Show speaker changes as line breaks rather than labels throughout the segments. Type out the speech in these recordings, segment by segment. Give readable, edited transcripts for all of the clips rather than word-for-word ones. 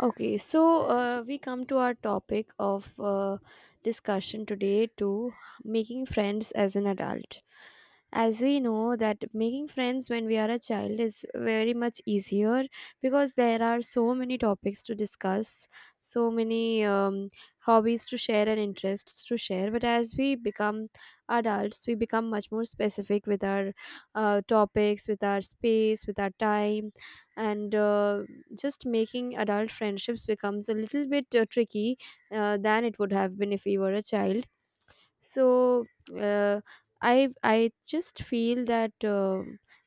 Okay, so we come to our topic of discussion today to making friends as an adult. As we know that making friends when we are a child is very much easier, because there are so many topics to discuss, so many hobbies to share and interests to share. But as we become adults, we become much more specific with our topics, with our space, with our time and just making adult friendships becomes a little bit tricky than it would have been if we were a child. So uh, I I just feel that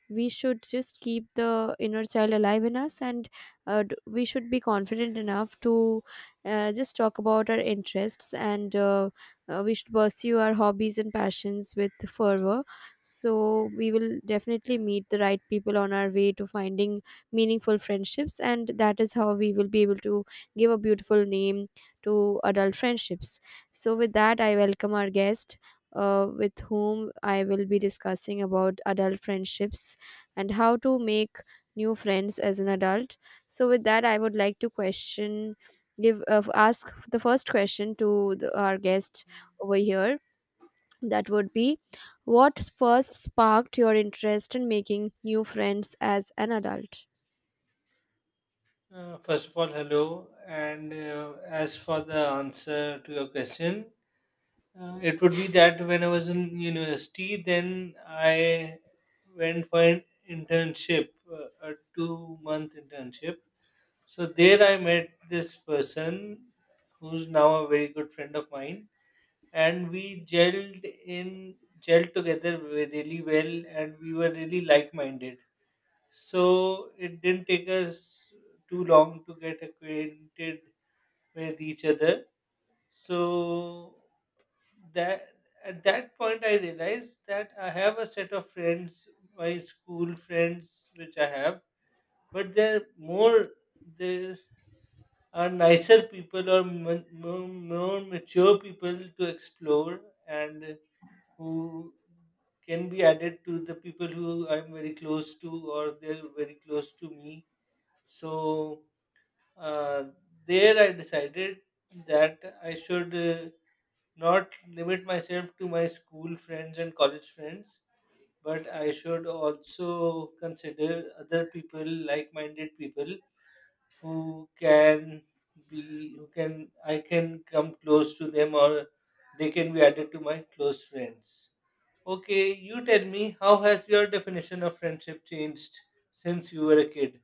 we should just keep the inner child alive in us, and we should be confident enough to just talk about our interests, and we should pursue our hobbies and passions with fervor. So we will definitely meet the right people on our way to finding meaningful friendships, and that is how we will be able to give a beautiful name to adult friendships. So, with that, I welcome our guest, with whom I will be discussing about adult friendships and how to make new friends as an adult. So, with that, I would like to ask the first question to our guest over here. That would be, what first sparked your interest in making new friends as an adult?
First of all, hello. And as for the answer to your question, it would be that when I was in university, then I went for an internship, a 2 month internship. So there I met this person who's now a very good friend of mine, and we gelled in gelled together really well, and we were really like minded. So it didn't take us too long to get acquainted with each other. So that At that point I realized that I have a set of friends, my school friends, which I have, but they are nicer people or more mature people to explore and who can be added to the people who I'm very close to or they're very close to me, so uh, there I decided that I should not limit myself to my school friends and college friends, but I should also consider other people, like-minded people who can who can, I can come close to them, or they can be added to my close friends. Okay, you tell me, how has your definition of friendship changed since you were a kid?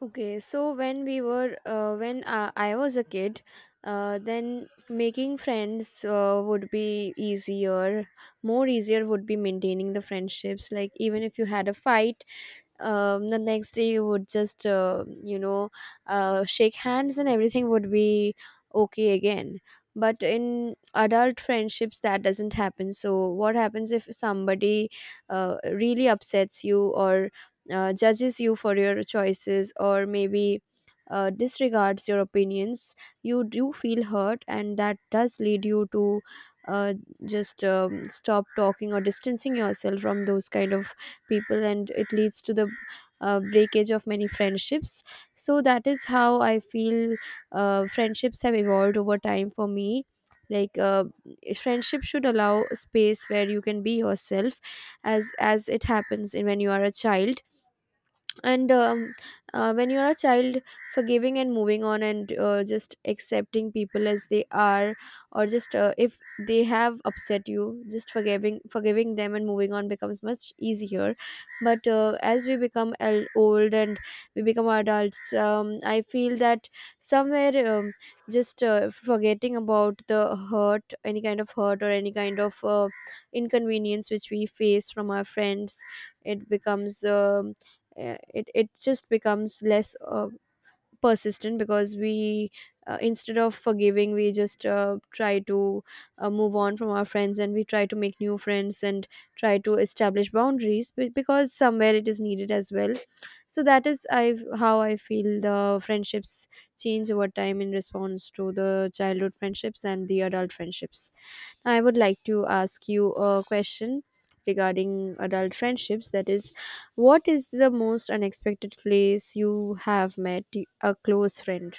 Okay, so when we were when I was a kid, then making friends would be easier. More easier would be maintaining the friendships. Like even if you had a fight, the next day you would just shake hands and everything would be okay again. But in adult friendships, that doesn't happen. So what happens if somebody really upsets you, or judges you for your choices, or maybe disregards your opinions? You do feel hurt, and that does lead you to uh, just stop talking or distancing yourself from those kind of people, and it leads to the breakage of many friendships. So that is how I feel friendships have evolved over time for me. Like friendship should allow a space where you can be yourself, as it happens when you are a child, and when you're a child, forgiving and moving on and just accepting people as they are, or just if they have upset you, just forgiving them and moving on becomes much easier. But as we become old and we become adults, I feel that somewhere, just forgetting about the hurt, any kind of hurt or any kind of inconvenience which we face from our friends, it becomes um it just becomes less persistent, because we instead of forgiving, we just try to move on from our friends, and we try to make new friends and try to establish boundaries, because somewhere it is needed as well. So that is I how I feel the friendships change over time in response to the childhood friendships and the adult friendships. I would like to ask you a question regarding adult friendships. That is, what is the most unexpected place you have met a close friend?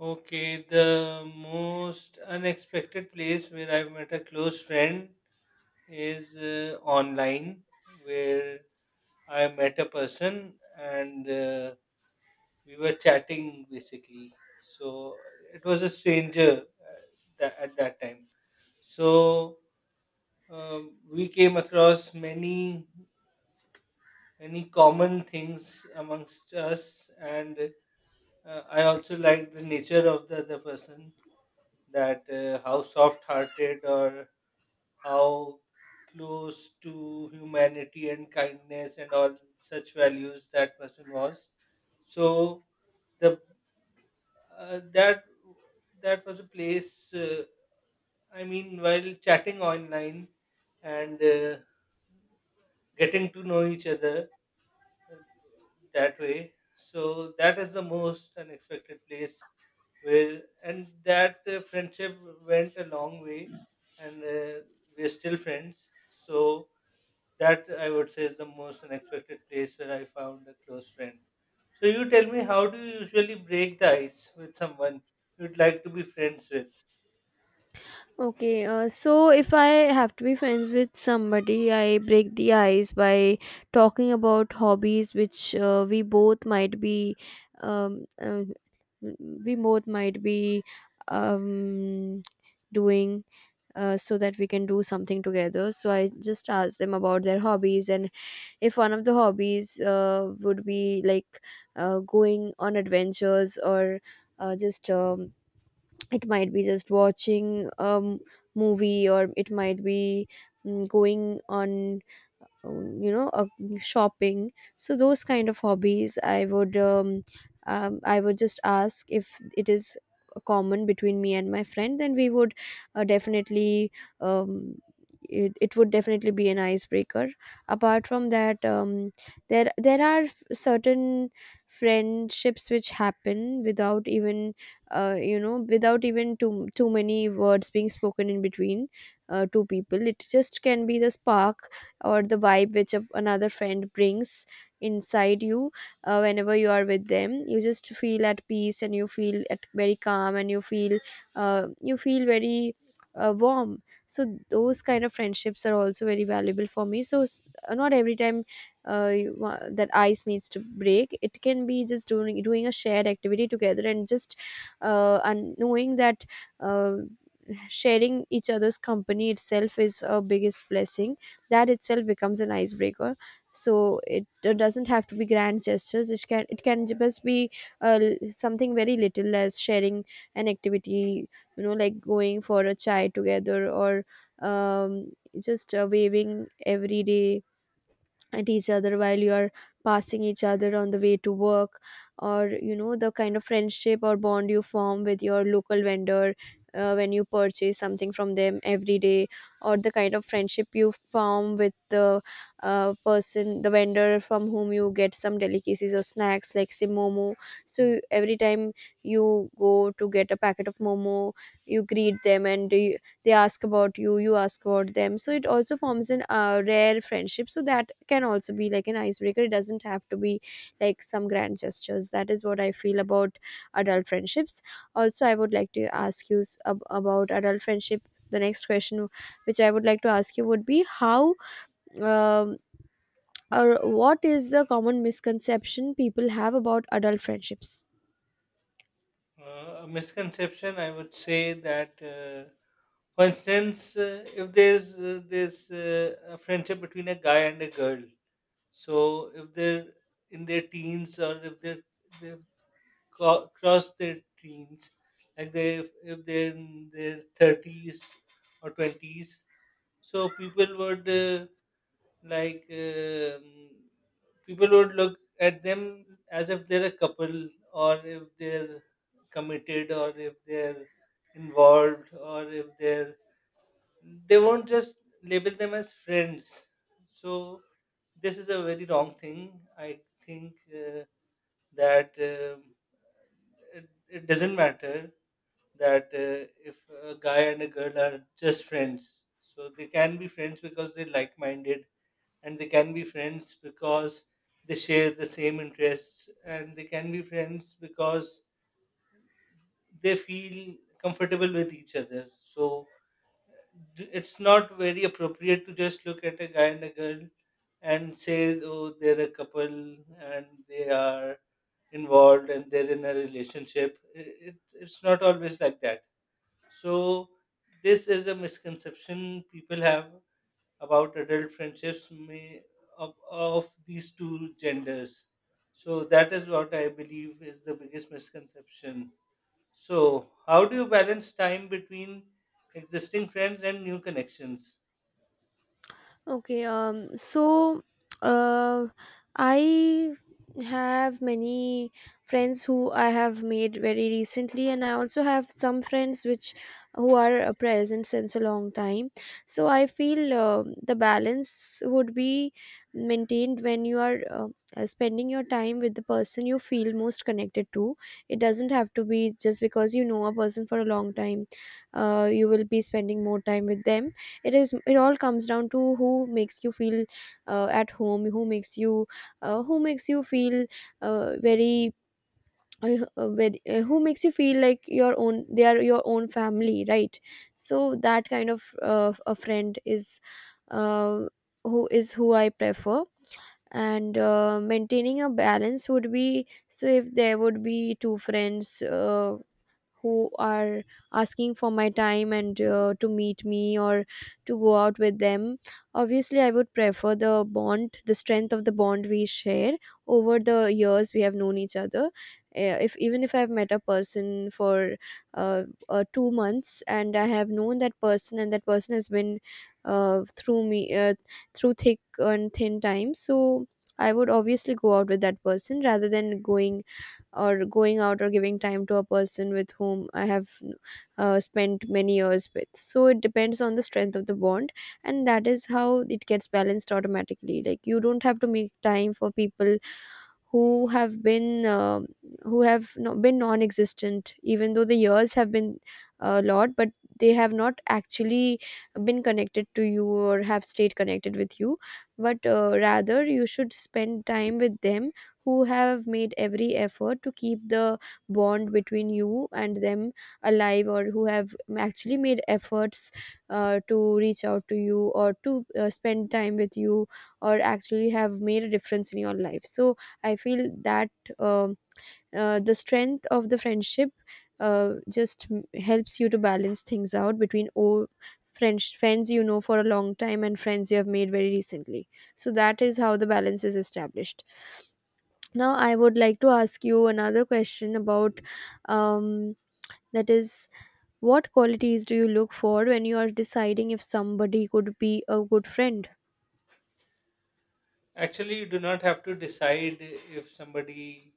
Okay, the most unexpected place where I met a close friend is online, where I met a person, and we were chatting basically. So it was a stranger, uh, at that time. So we came across many many common things amongst us, and I also liked the nature of the other person. That how soft-hearted or how close to humanity and kindness and all such values that person was. So the that that was a place. I mean, while chatting online and getting to know each other uh, that way. So that is the most unexpected place where. And that friendship went a long way, and we're still friends, so that I would say is the most unexpected place where I found a close friend. So you tell me, how do you usually break the ice with someone you'd like to be friends with?
Okay, so if I have to be friends with somebody, I break the ice by talking about hobbies which um, uh, we both might be um, doing, so that we can do something together. So I just asked them about their hobbies, and if one of the hobbies would be like going on adventures, or just it might be just watching a movie, or it might be going on um, you know uh, shopping. So those kind of hobbies I would just ask if it is common between me and my friend, then we would definitely, um, it would definitely be an icebreaker. Apart from that, there are certain friendships which happen without even without even too many words being spoken in between two people. It just can be the spark or the vibe which another friend brings inside you. Uh, whenever you are with them, you just feel at peace, and you feel at very calm, and you feel very warm. So those kind of friendships are also very valuable for me. So not every time that ice needs to break. It can be just doing a shared activity together, and just and knowing that uh, sharing each other's company itself is a biggest blessing. That itself becomes an icebreaker. So it doesn't have to be grand gestures. It can just be something very little as sharing an activity. Like going for a chai together, or um, just waving every day at each other while you are passing each other on the way to work, or the kind of friendship or bond you form with your local vendor when you purchase something from them every day, or the kind of friendship you form with the vendor from whom you get some delicacies or snacks, like say momo. So every time you go to get a packet of momo, you greet them and they ask about you, you ask about them. So it also forms an rare friendship, so that can also be like an icebreaker. It doesn't have to be like some grand gestures. That is what I feel about adult friendships. Also, I would like to ask you about adult friendship. The next question which I would like to ask you would be how um, or what is the common misconception people have about adult friendships?
A misconception I would say, that for instance, if there's there's a friendship between a guy and a girl, so if they're in their teens, or if they're cross their teens, like they, if they're in their thirties or twenties. So people would, like um, people would look at them as if they're a couple, or if they're committed, or if they're involved, or if they won't just label them as friends. So this is a very wrong thing. I think that it, it doesn't matter that, if a guy and a girl are just friends, so they can be friends because they're like-minded, and they can be friends because they share the same interests, and they can be friends because they feel comfortable with each other. So it's not very appropriate to just look at a guy and a girl and say, oh, they're a couple, and they are involved, and they're in a relationship. It, it's not always like that. So this is a misconception people have about adult friendships may, of these two genders. So that is what I believe is the biggest misconception. So, how do you balance time between existing friends and new connections?
Okay, so uh, I have many friends who I have made very recently, and I also have some friends which who are present since a long time. So I feel the balance would be maintained when you are spending your time with the person you feel most connected to. It doesn't have to be just because you know a person for a long time, you will be spending more time with them. It all comes down to who makes you feel at home, who makes you feel very, who makes you feel like your own. They are your own family, right? So that kind of a friend is uh, who I prefer. And maintaining a balance would be, so if there would be two friends who are asking for my time and to meet me or to go out with them, obviously I would prefer the bond, the strength of the bond we share over the years we have known each other. If even if I've met a person for uh, 2 months and I have known that person, and that person has been through me through thick and thin times, so I would obviously go out with that person rather than going out or giving time to a person with whom I have spent many years with. So it depends on the strength of the bond, and that is how it gets balanced automatically. Like you don't have to make time for people who have been who have no, been non-existent, even though the years have been a lot, but they have not actually been connected to you, or have stayed connected with you. But rather, you should spend time with them who have made every effort to keep the bond between you and them alive, or who have actually made efforts to reach out to you, or to spend time with you, or actually have made a difference in your life. So I feel that um the strength of the friendship just helps you to balance things out between old French friends you know for a long time and friends you have made very recently. So that is how the balance is established. Now I would like to ask you another question about, um, that is, what qualities do you look for when you are deciding if somebody could be a good friend?
Actually, you do not have to decide if somebody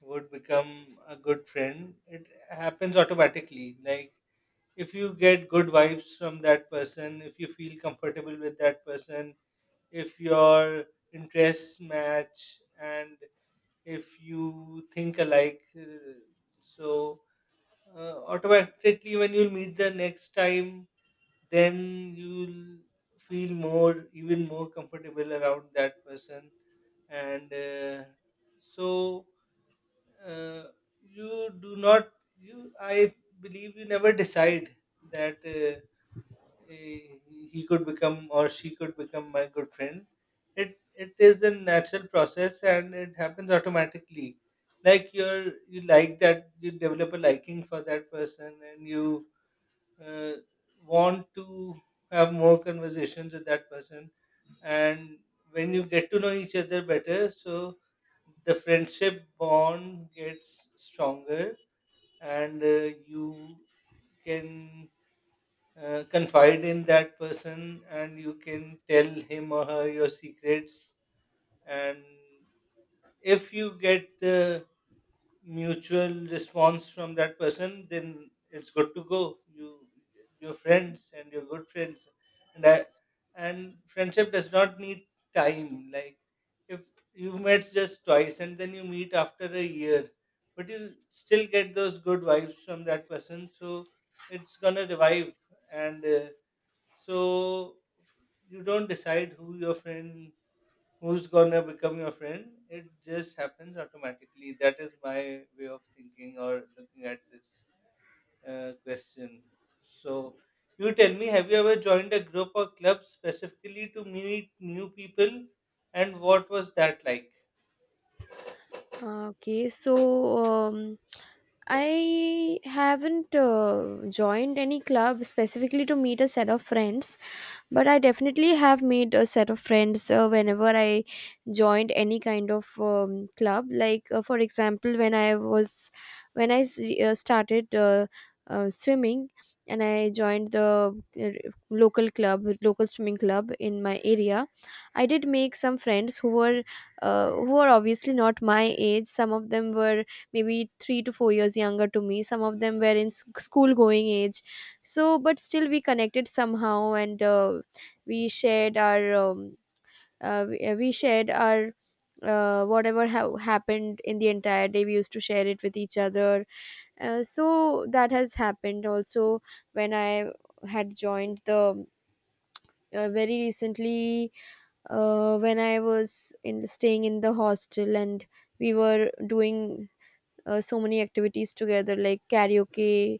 would become a good friend. It happens automatically. Like, if you get good vibes from that person, if you feel comfortable with that person, if your interests match, and if you think alike, so automatically when you'll meet the next time, then you'll feel more, even more comfortable around that person. And so uh, you do not, you I believe, you never decide that, eh, he could become, or she could become my good friend. It is a natural process, and it happens automatically. Like you like that, you develop a liking for that person, and you uh, want to have more conversations with that person. And when you get to know each other better, so the friendship bond gets stronger. And you can confide in that person, and you can tell him or her your secrets. And if you get the mutual response from that person, then it's good to go. You're friends, and you're good friends. and I, and friendship does not need time. Like, if you have met just twice, and then you meet after a year, but you still get those good vibes from that person, so it's gonna revive. And so you don't decide who your friend who's gonna become your friend. It just happens automatically. That is my way of thinking or looking at this question. So you tell me, have you ever joined a group or club specifically to meet new people, and what was that like?
Ah, Okay, so um, I haven't joined any club specifically to meet a set of friends, but I definitely have made a set of friends whenever I joined any kind of club, like for example, when I was started swimming and I joined the uh, local swimming club in my area. I did make some friends who were obviously not my age. Some of them were maybe 3 to 4 years younger to me, some of them were in school going age, so but still we connected somehow. And we shared our we shared our whatever happened in the entire day. We used to share it with each other. So that has happened. Also when I had joined the very recently, when I was in staying in the hostel, and we were doing so many activities together like karaoke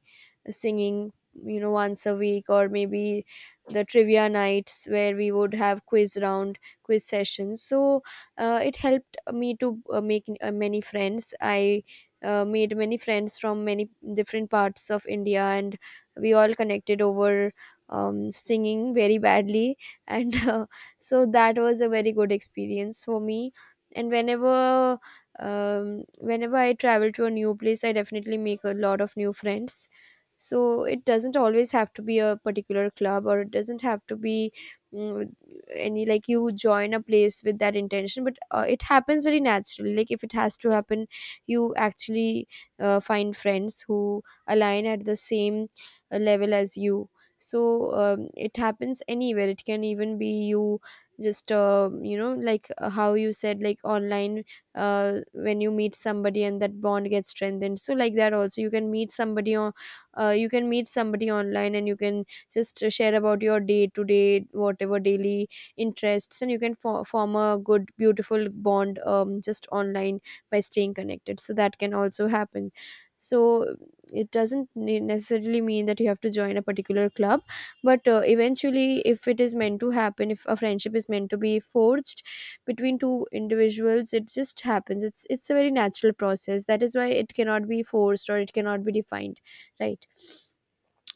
singing, you know, once a week, or maybe the trivia nights where we would have quiz sessions. So it helped me to make many friends. I made many friends from many different parts of India, and we all connected over singing very badly and so that was a very good experience for me. And whenever whenever I travel to a new place, I definitely make a lot of new friends. So it doesn't always have to be a particular club, or it doesn't have to be mm, any, like you join a place with that intention. But it happens very naturally. Like if it has to happen, you actually find friends who align at the same level as you. So it happens anywhere. It can even be you just how you said, like online, when you meet somebody and that bond gets strengthened. So like that, also you can meet somebody on you can meet somebody online, and you can just share about your day to day, whatever daily interests, and you can form a good, beautiful bond just online, by staying connected. So that can also happen. So it doesn't necessarily mean that you have to join a particular club, but eventually, if it is meant to happen, if a friendship is meant to be forged between two individuals, it just happens. It's a very natural process. That is why it cannot be forced or it cannot be defined, right?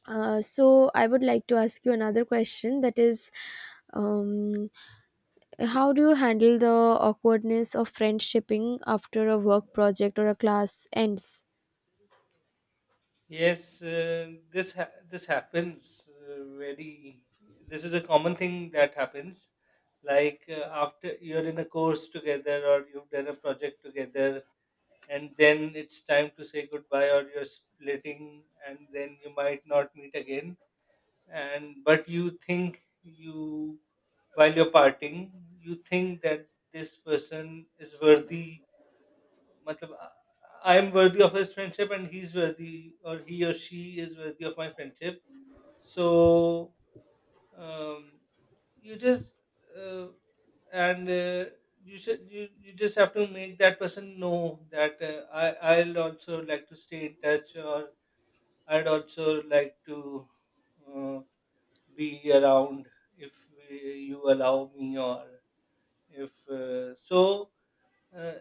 So I would like to ask you another question, that is, um, how do you handle the awkwardness of friendshipping after a work project or a class ends?
Yes, this happens very this is a common thing that happens, like after you're in a course together, or you've done a project together, and then it's time to say goodbye, or you're splitting, and then you might not meet again. And But you think, you while you're parting, you think that this person is worthy, matlab, I am worthy of his friendship, and he's worthy, or he or she is worthy of my friendship. So, um, you just uh, and uh, you should, you just have to make that person know that, I, I'll also like to stay in touch, or I'd also like to uh, be around if you allow me, or if uh,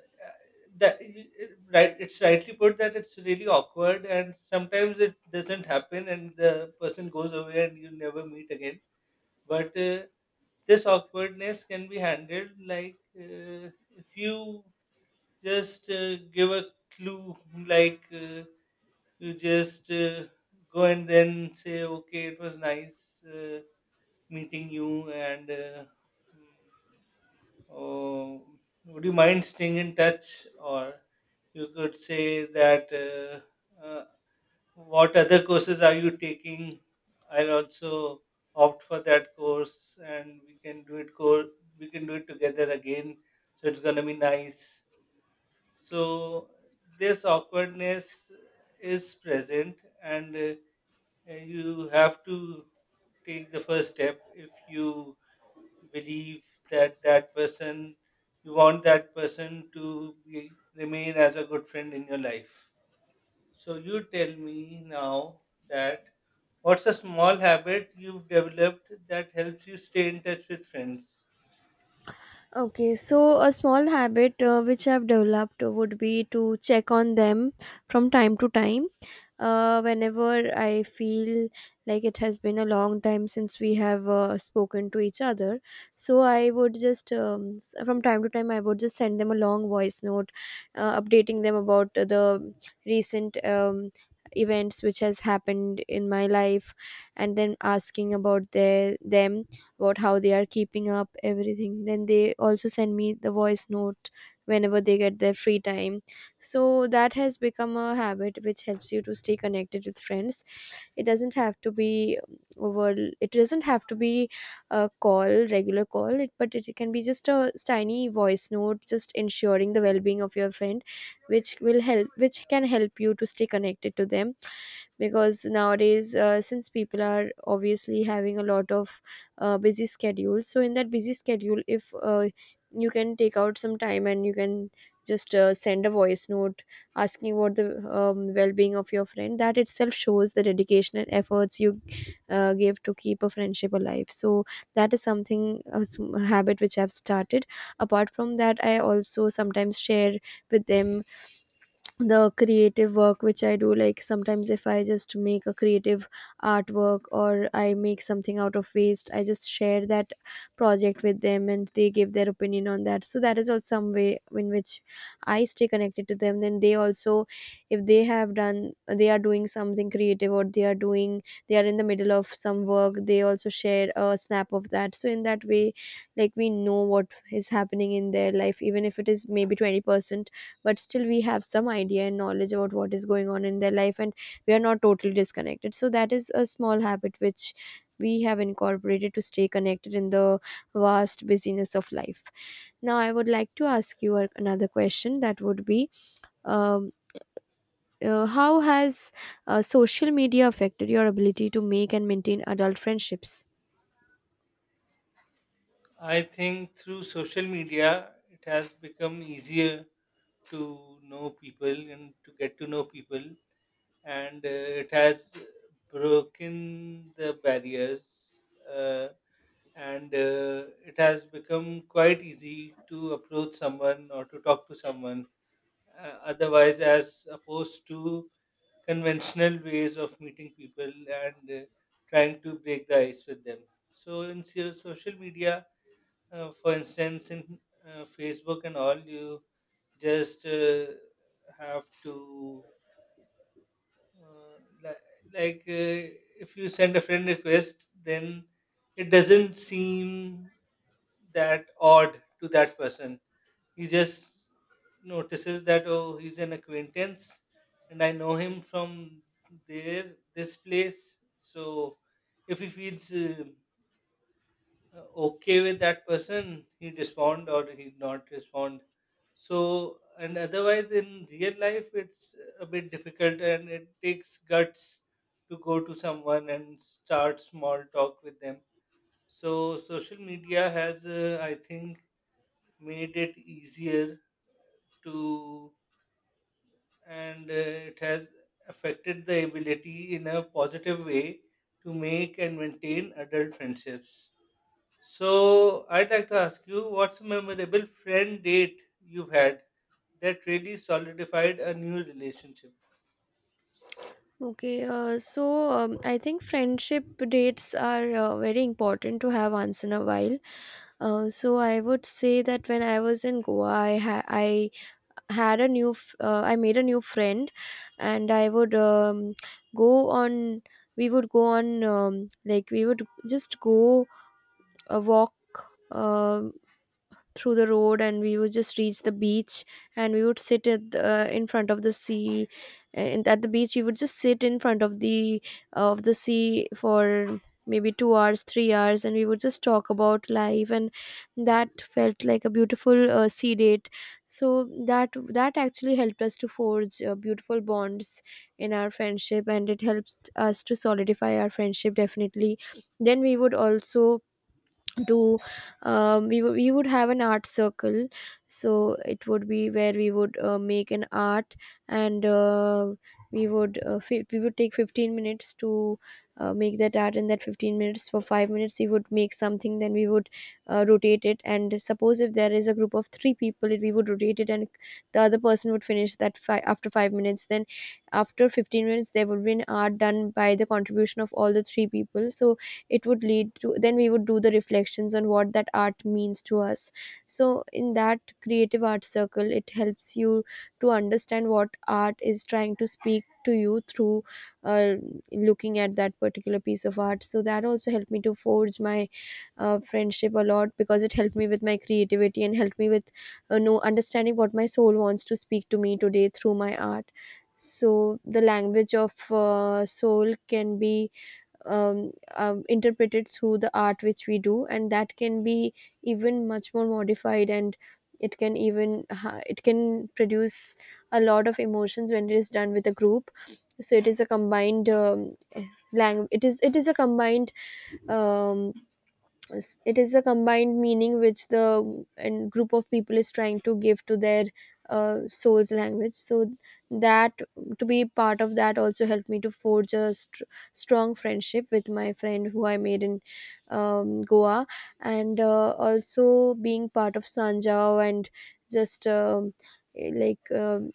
that right, it's rightly put that it's really awkward, and sometimes it doesn't happen, and the person goes away, and you never meet again. But this awkwardness can be handled, like if you just give a clue, like you just go, and then say, okay, it was nice meeting you, and mm, oh, would you mind staying in touch, or you could say that, what other courses are you taking? I'll also opt for that course, and we can do it together again. So it's gonna be nice. So this awkwardness is present, and you have to take the first step if you believe that that person, you want that person to remain as a good friend in your life. So you tell me now that, what's a small habit you've developed that helps you stay in touch with friends?
Okay, so a small habit which I've developed would be to check on them from time to time. Whenever I feel like it has been a long time since we have spoken to each other, so I would just, from time to time, I would just send them a long voice note, updating them about the recent events which has happened in my life, and then asking about their them about how they are keeping up everything. Then they also send me the voice note whenever they get their free time. So that has become a habit which helps you to stay connected with friends. It doesn't have to be over it doesn't have to be a call regular call it, but it can be just a tiny voice note just ensuring the well-being of your friend, which will help which can help you to stay connected to them. Because nowadays, since people are obviously having a lot of busy schedules, so in that busy schedule, if you can take out some time and you can just send a voice note asking about the well-being of your friend, that itself shows the dedication and efforts you give to keep a friendship alive. So that is something, habit which I've started. Apart from that, I also sometimes share with them the creative work which I do. Like sometimes if I just make a creative artwork or I make something out of waste, I just share that project with them and they give their opinion on that. So that is also some way in which I stay connected to them. Then they also, if they have done, they are doing something creative, or they are doing, they are in the middle of some work, they also share a snap of that. So in that way, like we know what is happening in their life, even if it is maybe 20%, but still we have some idea and knowledge about what is going on in their life, and we are not totally disconnected. So that is a small habit which we have incorporated to stay connected in the vast busyness of life. Now I would like to ask you another question, that would be, um, how has social media affected your ability to make and maintain adult friendships?
I think through social media, it has become easier to know people and to get to know people, and it has broken the barriers, uh, and it has become quite easy to approach someone or to talk to someone. Otherwise, as opposed to conventional ways of meeting people, and trying to break the ice with them. So in social media, for instance, in Facebook and all, you just have to uh, li- like uh, if you send a friend request, then it doesn't seem that odd to that person. He just notices that, oh, he's an acquaintance, and I know him from there this place. So if he feels okay with that person, he respond or he not respond. So, and otherwise in real life, it's a bit difficult, and it takes guts to go to someone and start small talk with them. So social media has, I think, made it easier to, and it has affected the ability in a positive way to make and maintain adult friendships. So, I'd like to ask you, what's a memorable friend date you've had that really solidified a new relationship?
Okay, I think friendship dates are very important to have once in a while. So I would say that when I was in Goa, I had a I made a new friend, and I would go on. We would go on like we would just go a walk um through the road, and we would just reach the beach, and we would sit at the, in front of the sea, and at the beach we would just sit in front of the sea for maybe 2 hours, 3 hours, and we would just talk about life. And that felt like a beautiful sea date. So that, that actually helped us to forge beautiful bonds in our friendship, and it helps us to solidify our friendship definitely. Then we would also, to we would have an art circle. So it would be where we would make an art, and we would we would take 15 minutes to make that art. In that 15 minutes, for 5 minutes we would make something, then we would rotate it, and suppose if there is a group of 3 people, we would rotate it, and the other person would finish that after 5 minutes. Then after 15 minutes, there would be an art done by the contribution of all the three people. So it would lead to, then we would do the reflections on what that art means to us. So in that creative art circle, it helps you to understand what art is trying to speak to you through uh, looking at that particular piece of art. So that also helped me to forge my friendship a lot, because it helped me with my creativity and helped me with know understanding what my soul wants to speak to me today through my art. So the language of soul can be interpreted through the art which we do, and that can be even much more modified, and it can it can produce a lot of emotions when it is done with a group. So it is a combined language. It is a combined um, it is a combined meaning which the and group of people is trying to give to their soul's language. So that, to be part of that, also helped me to forge a strong friendship with my friend who I made in Goa. And also being part of Sanjao, and just eh, like um,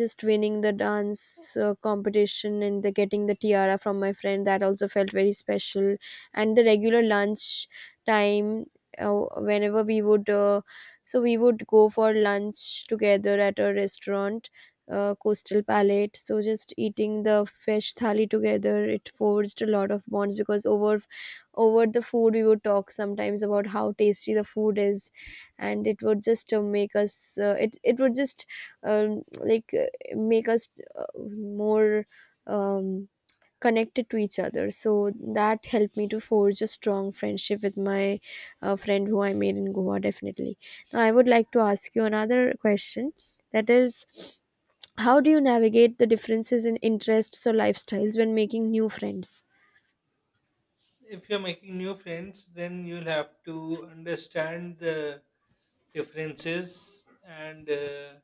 just winning the dance competition and the getting the tiara from my friend, that also felt very special. And the regular lunch time, whenever we would we would go for lunch together at a restaurant, Coastal Palette. So just eating the fish thali together, it forged a lot of bonds, because over over the food we would talk sometimes about how tasty the food is, and it would just make us, it it would just like make us more um connected to each other. So that helped me to forge a strong friendship with my friend who I made in Goa definitely. Now I would like to ask you another question, that is, how do you navigate the differences in interests or lifestyles when making new friends?
If you're making new friends, then you'll have to understand the differences, and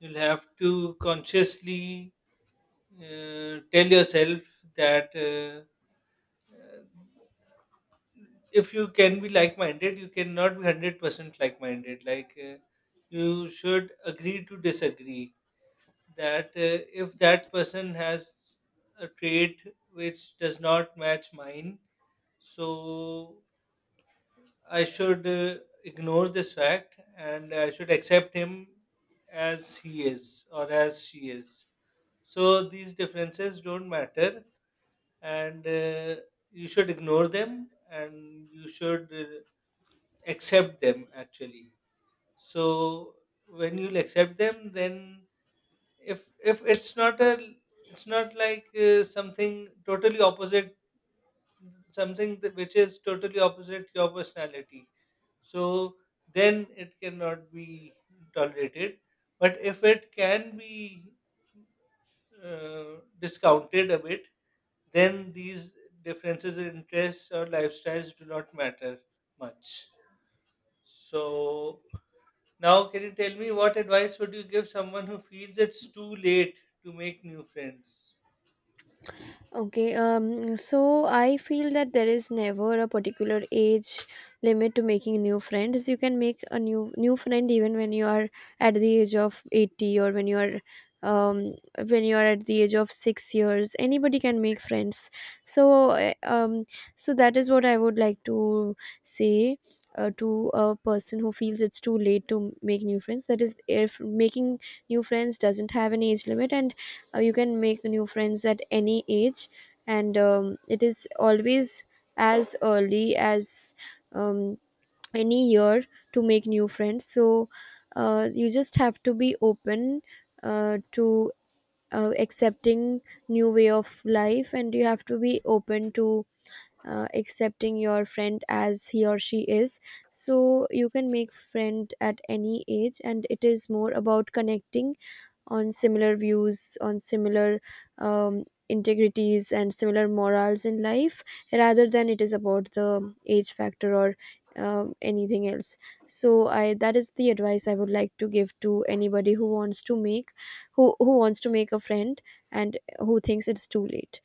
you'll have to consciously tell yourself that. Uh, if you can be like minded, you cannot be 100% like minded. Like, you should agree to disagree. That if that person has a trait which does not match mine, so I should ignore this fact, and I should accept him as he is, or as she is. So these differences don't matter, and you should ignore them, and you should accept them actually. So when you'll accept them, then if it's not a, it's not like something totally opposite, something that, which is totally opposite your personality, so then it cannot be tolerated. But if it can be discounted a bit, then these differences in interests or lifestyles do not matter much. So now, can you tell me, what advice would you give someone who feels it's too late to make new friends?
Okay, so I feel that there is never a particular age limit to making new friends. You can make a new friend even when you are at the age of 80, or um when you are at the age of 6 years. Anybody can make friends. So uh, um so that is what I would like to say to a person who feels it's too late to make new friends, that is, if making new friends doesn't have an age limit, and you can make new friends at any age. And it is always as early as um, any year to make new friends. So you just have to be open to accepting new way of life, and you have to be open to accepting your friend as he or she is. So you can make friend at any age, and it is more about connecting on similar views, on similar um, integrities, and similar morals in life, rather than it is about the age factor or anything else. So I that is the advice I would like to give to anybody who wants to make, who wants to make a friend and who thinks it's too late.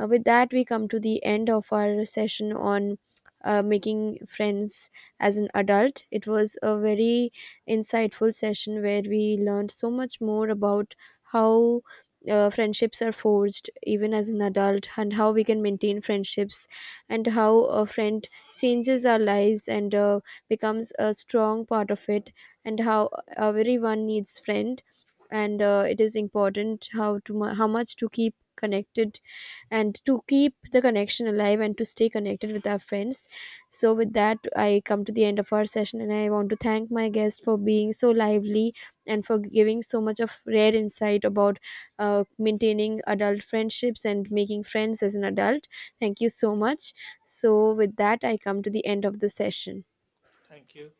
With that, we come to the end of our session on making friends as an adult. It was a very insightful session, where we learned so much more about how friendships are forged even as an adult, and how we can maintain friendships, and how a friend changes our lives, and becomes a strong part of it, and how everyone needs friend. And it is important how to how much to keep connected, and to keep the connection alive, and to stay connected with our friends. So, with that, I come to the end of our session, and I want to thank my guest for being so lively, and for giving so much of rare insight about maintaining adult friendships and making friends as an adult. Thank you so much. So, with that, I come to the end of the session.
Thank you.